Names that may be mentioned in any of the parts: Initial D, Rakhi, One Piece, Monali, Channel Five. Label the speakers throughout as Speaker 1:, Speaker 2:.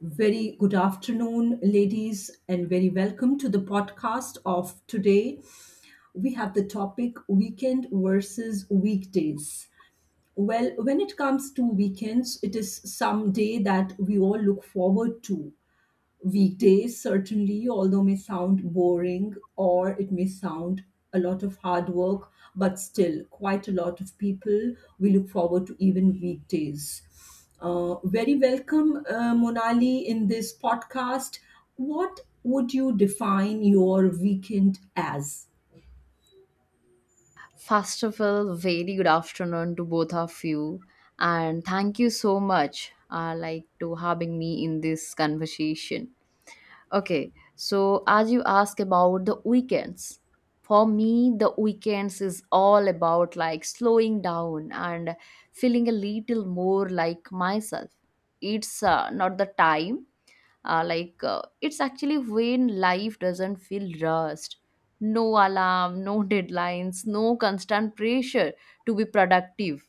Speaker 1: Very good afternoon, ladies, and very welcome to the podcast of today. We have the topic weekend versus weekdays. Well, when it comes to weekends, it is some day that we all look forward to. Weekdays certainly although may sound boring or it may sound a lot of hard work, but still quite a lot of people, we look forward to even weekdays. Very welcome, monali, in this podcast, what would you define your weekend as?
Speaker 2: First of all, very good afternoon to both of you, and thank you so much, like to having me in this conversation. Okay, so as you ask about the weekends, for me, the weekends is all about like slowing down and feeling a little more like myself. It's not the time it's actually when life doesn't feel rushed, no alarm, no deadlines, no constant pressure to be productive.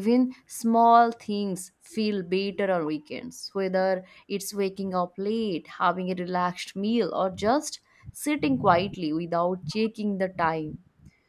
Speaker 2: Even small things feel better on weekends, whether it's waking up late, having a relaxed meal, or just sitting quietly without checking the time.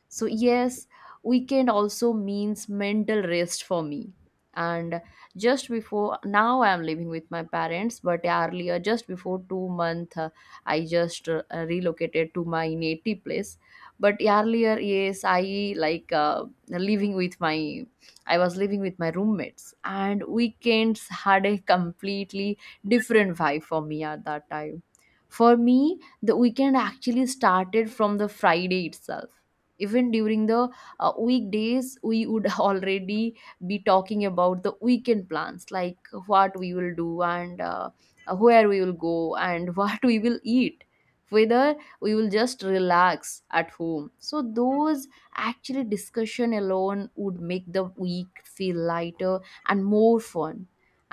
Speaker 2: So, yes, weekend also means mental rest for me. And just before now, I am living with my parents, but earlier, just before 2 months, I just relocated to my native place. But earlier, yes, I was living with my roommates, and weekends had a completely different vibe for me at that time. For me, the weekend actually started from the Friday itself, even during the weekdays we would already be talking about the weekend plans, like what we will do and where we will go and what we will eat, whether we will just relax at home. So those actually discussion alone would make the week feel lighter and more fun.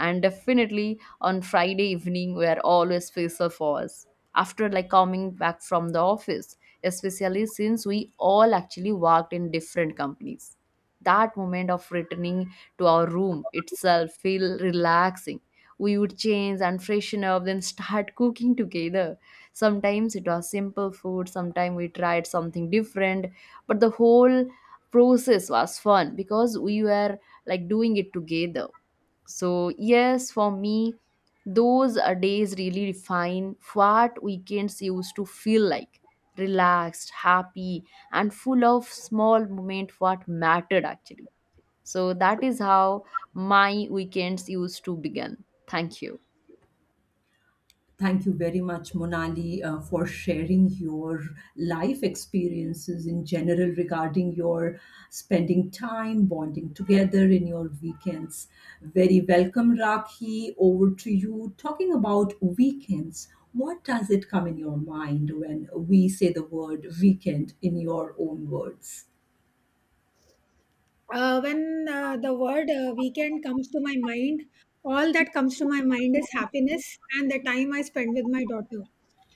Speaker 2: And definitely on Friday evening, where always Faisal falls after like coming back from the office, especially since we all actually worked in different companies. That moment of returning to our room itself feel relaxing. We would change and freshen up, then start cooking together. Sometimes it was simple food, sometimes we tried something different, but the whole process was fun because we were like doing it together. So, yes, for me, those days really define what weekends used to feel like: relaxed, happy, and full of small moments what mattered actually. So, that is how my weekends used to begin. Thank you.
Speaker 1: Thank you very much, Monali, for sharing your life experiences in general regarding your spending time bonding together in your weekends. Very welcome, Rakhi. Over to you. Talking about weekends, what does it come in your mind when we say the word weekend in your own words?
Speaker 3: When the word weekend comes to my mind, all that comes to my mind is happiness and the time I spend with my daughter.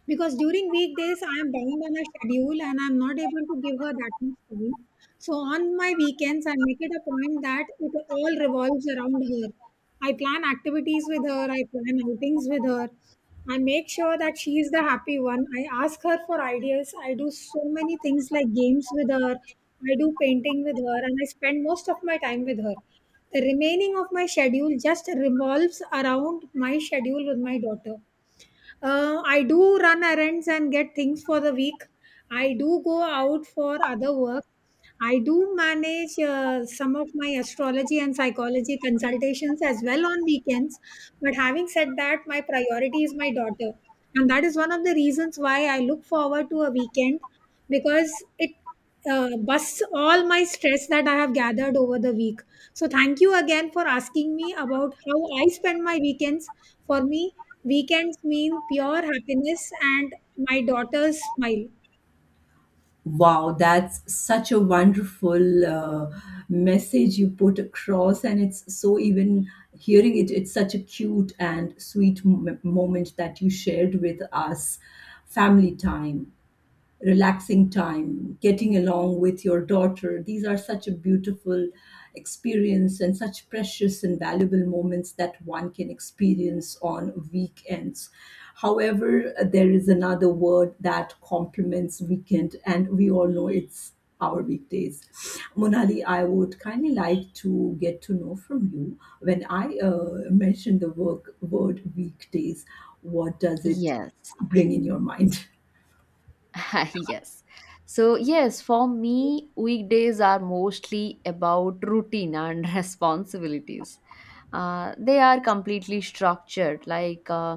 Speaker 3: Because during weekdays, I am bound on a schedule and I'm not able to give her that much time. So on my weekends, I make it a point that it all revolves around her. I plan activities with her, I plan outings with her. I make sure that she is the happy one. I ask her for ideas. I do so many things like games with her. I do painting with her and I spend most of my time with her. The remaining of my schedule just revolves around my schedule with my daughter. I do run errands and get things for the week. I do go out for other work. I do manage some of my astrology and psychology consultations as well on weekends. But having said that, my priority is my daughter. And that is one of the reasons why I look forward to a weekend because it busts all my stress that I have gathered over the week. So, thank you again for asking me about how I spend my weekends. For me, weekends mean pure happiness and my daughter's smile.
Speaker 1: Wow, that's such a wonderful message you put across, and it's so even hearing it, it's such a cute and sweet moment that you shared with us. Family time, relaxing time, getting along with your daughter. These are such a beautiful experience and such precious and valuable moments that one can experience on weekends. However, there is another word that complements weekend, and we all know it's our weekdays. Monali, I would kindly like to get to know from you when I mention the work word weekdays, what does it
Speaker 2: Yes.
Speaker 1: bring in your mind?
Speaker 2: Yes. So, yes, for me, weekdays are mostly about routine and responsibilities. They are completely structured, like uh,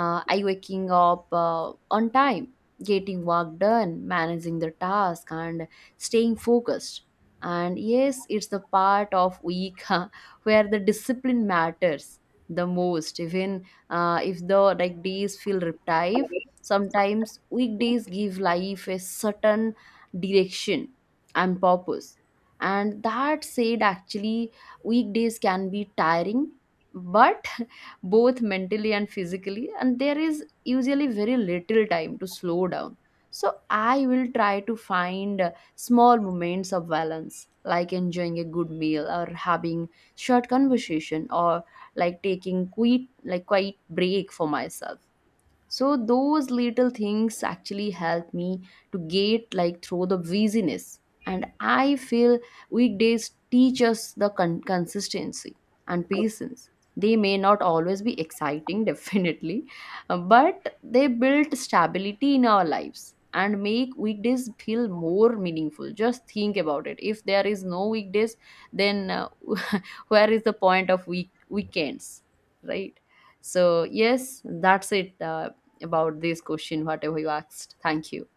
Speaker 2: uh, I waking up on time, getting work done, managing the task, and staying focused. And yes, it's the part of week where the discipline matters the most. Even if the like days feel repetitive sometimes, weekdays give life a certain direction and purpose. And that said, actually weekdays can be tiring, but both mentally and physically, and there is usually very little time to slow down. So I will try to find small moments of balance, like enjoying a good meal, or having short conversation, or like taking quiet like quiet break for myself. So those little things actually help me to get like through the busyness. And I feel weekdays teach us the consistency and patience. They may not always be exciting, definitely, but they build stability in our lives and make weekdays feel more meaningful. Just think about it. If there is no weekdays, then where is the point of weekends, right? So yes, that's it about this question whatever you asked. Thank you.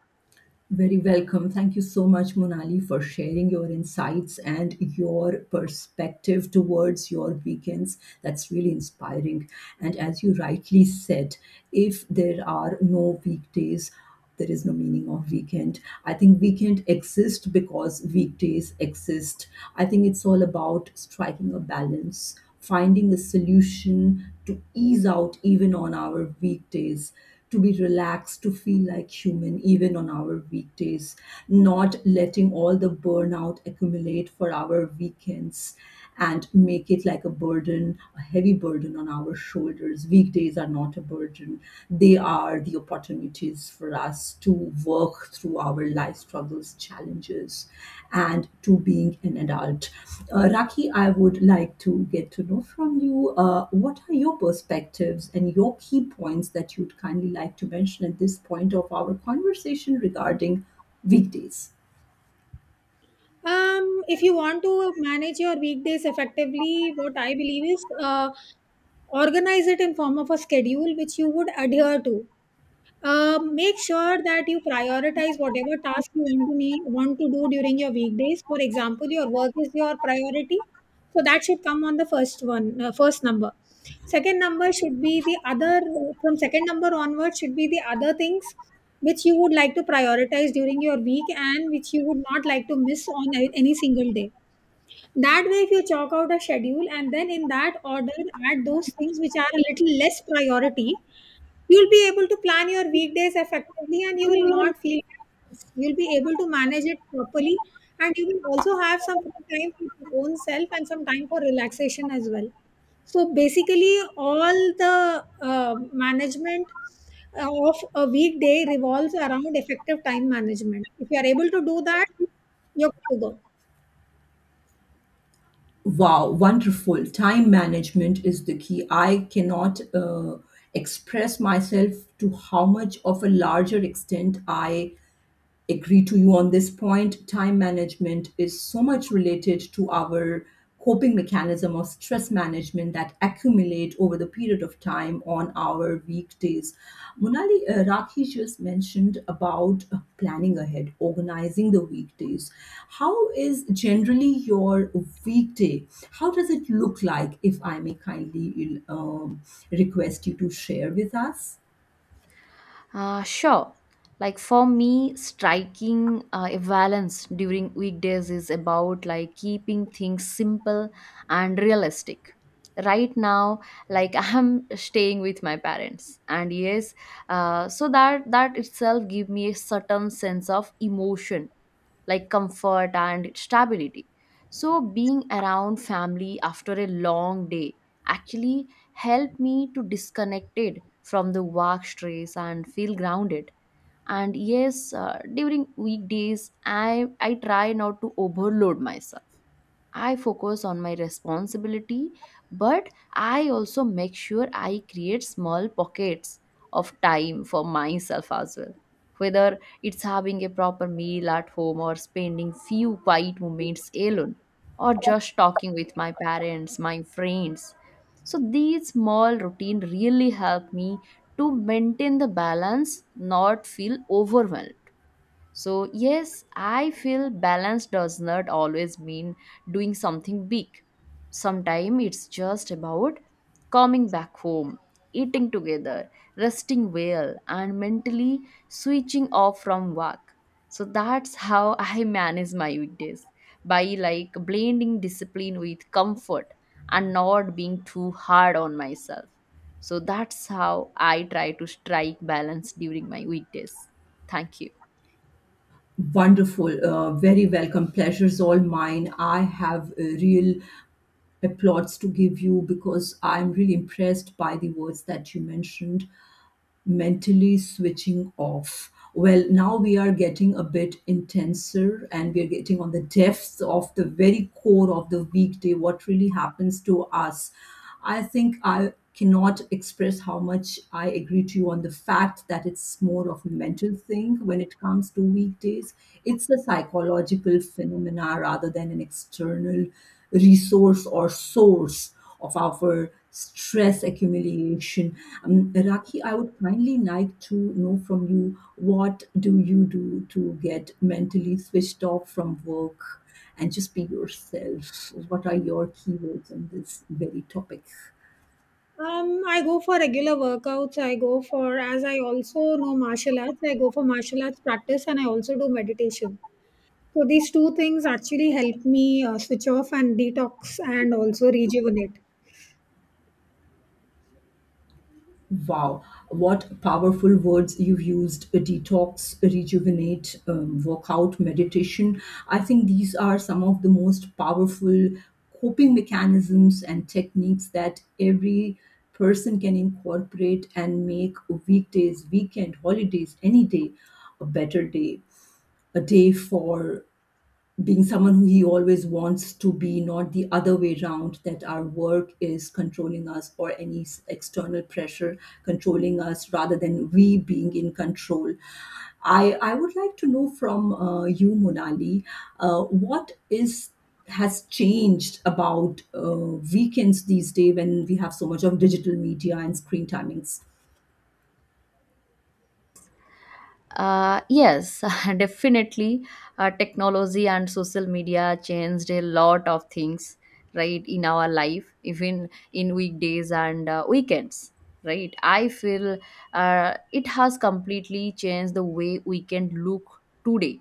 Speaker 1: Very welcome. Thank you so much, Monali, for sharing your insights and your perspective towards your weekends. That's really inspiring. And as you rightly said, if there are no weekdays, there is no meaning of weekend. I think weekend exists because weekdays exist. I think it's all about striking a balance, finding a solution to ease out even on our weekdays, to be relaxed, to feel like human even on our weekdays, not letting all the burnout accumulate for our weekends and make it like a burden, a heavy burden on our shoulders. Weekdays are not a burden, they are the opportunities for us to work through our life struggles, challenges, and to being an adult. Raki, I would like to get to know from you what are your perspectives and your key points that you'd kindly like to mention at this point of our conversation regarding weekdays.
Speaker 3: If you want to manage your weekdays effectively, what I believe is organize it in form of a schedule which you would adhere to. Make sure that you prioritize whatever task you want to need, want to do during your weekdays. For example, your work is your priority, so that should come on the first one, first number. Second number should be the other. From second number onwards, should be the other things which you would like to prioritize during your week and which you would not like to miss on any single day. That way, if you chalk out a schedule and then in that order add those things which are a little less priority, you'll be able to plan your weekdays effectively and you will not feel stressed. You'll be able to manage it properly and you will also have some free time for your own self and some time for relaxation as well. So basically, all the management of a weekday revolves around effective time management. If you are able to do that, you're good to go.
Speaker 1: Wow, wonderful. Time management is the key. I cannot express myself to how much of a larger extent I agree to you on this point. Time management is so much related to our coping mechanism or stress management that accumulate over the period of time on our weekdays. Monali, Rakhi just mentioned about planning ahead, organizing the weekdays. How is generally your weekday? How does it look like? If I may kindly request you to share with us.
Speaker 2: Sure. Like for me, striking a balance during weekdays is about like keeping things simple and realistic. Right now, like I'm staying with my parents, and yes, so that itself give me a certain sense of emotion, like comfort and stability. So, being around family after a long day actually helped me to disconnect from the work stress and feel grounded. And yes, during weekdays, I try not to overload myself. I focus on my responsibility, but I also make sure I create small pockets of time for myself as well. Whether it's having a proper meal at home, or spending few quiet moments alone, or just talking with my parents, my friends. So these small routine really help me to maintain the balance, not feel overwhelmed. So, yes, I feel balance does not always mean doing something big. Sometimes it's just about coming back home, eating together, resting well, and mentally switching off from work. So, that's how I manage my weekdays, by like blending discipline with comfort and not being too hard on myself. So, that's how I try to strike balance during my weekdays. Thank you.
Speaker 1: Wonderful. Very welcome. Pleasure's all mine. I have a real applause to give you because I'm really impressed by the words that you mentioned, mentally switching off. Well, now we are getting a bit intenser and we are getting on the depths of the very core of the weekday, what really happens to us. I think I cannot express how much I agree to you on the fact that it's more of a mental thing when it comes to weekdays. It's a psychological phenomena rather than an external resource or source of our stress accumulation. Rakhi, I would kindly like to know from you, what do you do to get mentally switched off from work and just be yourself? What are your keywords on this very topic?
Speaker 3: I go for regular workouts. I go for, as I also know martial arts, I go for martial arts practice and I also do meditation. So these two things actually help me switch off and detox and also rejuvenate.
Speaker 1: Wow, what powerful words you've used: detox, rejuvenate, workout, meditation. I think these are some of the most powerful coping mechanisms and techniques that every person can incorporate and make weekdays, weekend, holidays, any day a better day, a day for being someone who he always wants to be, not the other way around that our work is controlling us or any external pressure controlling us rather than we being in control. I would like to know from you, Monali, what is has changed about weekends these days when we have so much of digital media and screen timings.
Speaker 2: Yes, definitely. Technology and social media changed a lot of things, right, in our life, even in weekdays and weekends, right? I feel it has completely changed the way we can look today.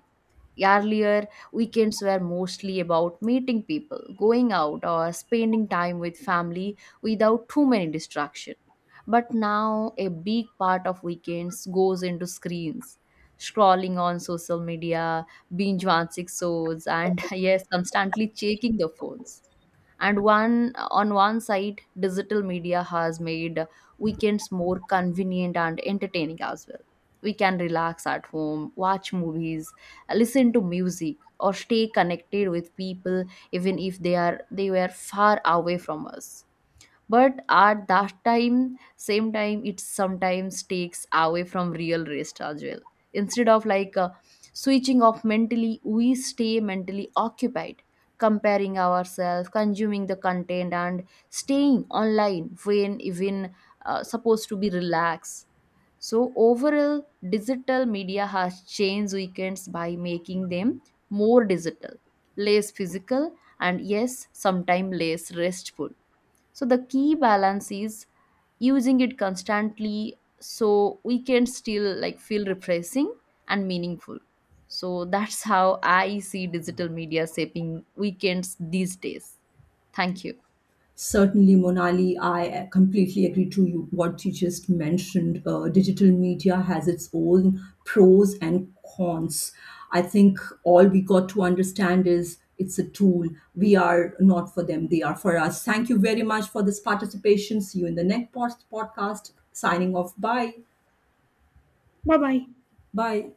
Speaker 2: Earlier, weekends were mostly about meeting people, going out, or spending time with family without too many distractions. But now, a big part of weekends goes into screens, scrolling on social media, binge watching shows, and yes, constantly checking the phones. And one on one side, digital media has made weekends more convenient and entertaining as well. We can relax at home, watch movies, listen to music, or stay connected with people even if they were far away from us. But at that time, same time, it sometimes takes away from real rest as well. Instead of like switching off mentally, we stay mentally occupied, comparing ourselves, consuming the content, and staying online when even supposed to be relaxed. So overall, digital media has changed weekends by making them more digital, less physical, and yes, sometimes less restful. So the key balance is using it constantly so we can still like feel refreshing and meaningful. So that's how I see digital media shaping weekends these days. Thank you.
Speaker 1: Certainly, Monali, I completely agree to you what you just mentioned. Digital media has its own pros and cons. I think all we got to understand is it's a tool. We are not for them, they are for us. Thank you very much for this participation. See you in the next podcast. Signing off. Bye.
Speaker 3: Bye bye.
Speaker 1: Bye.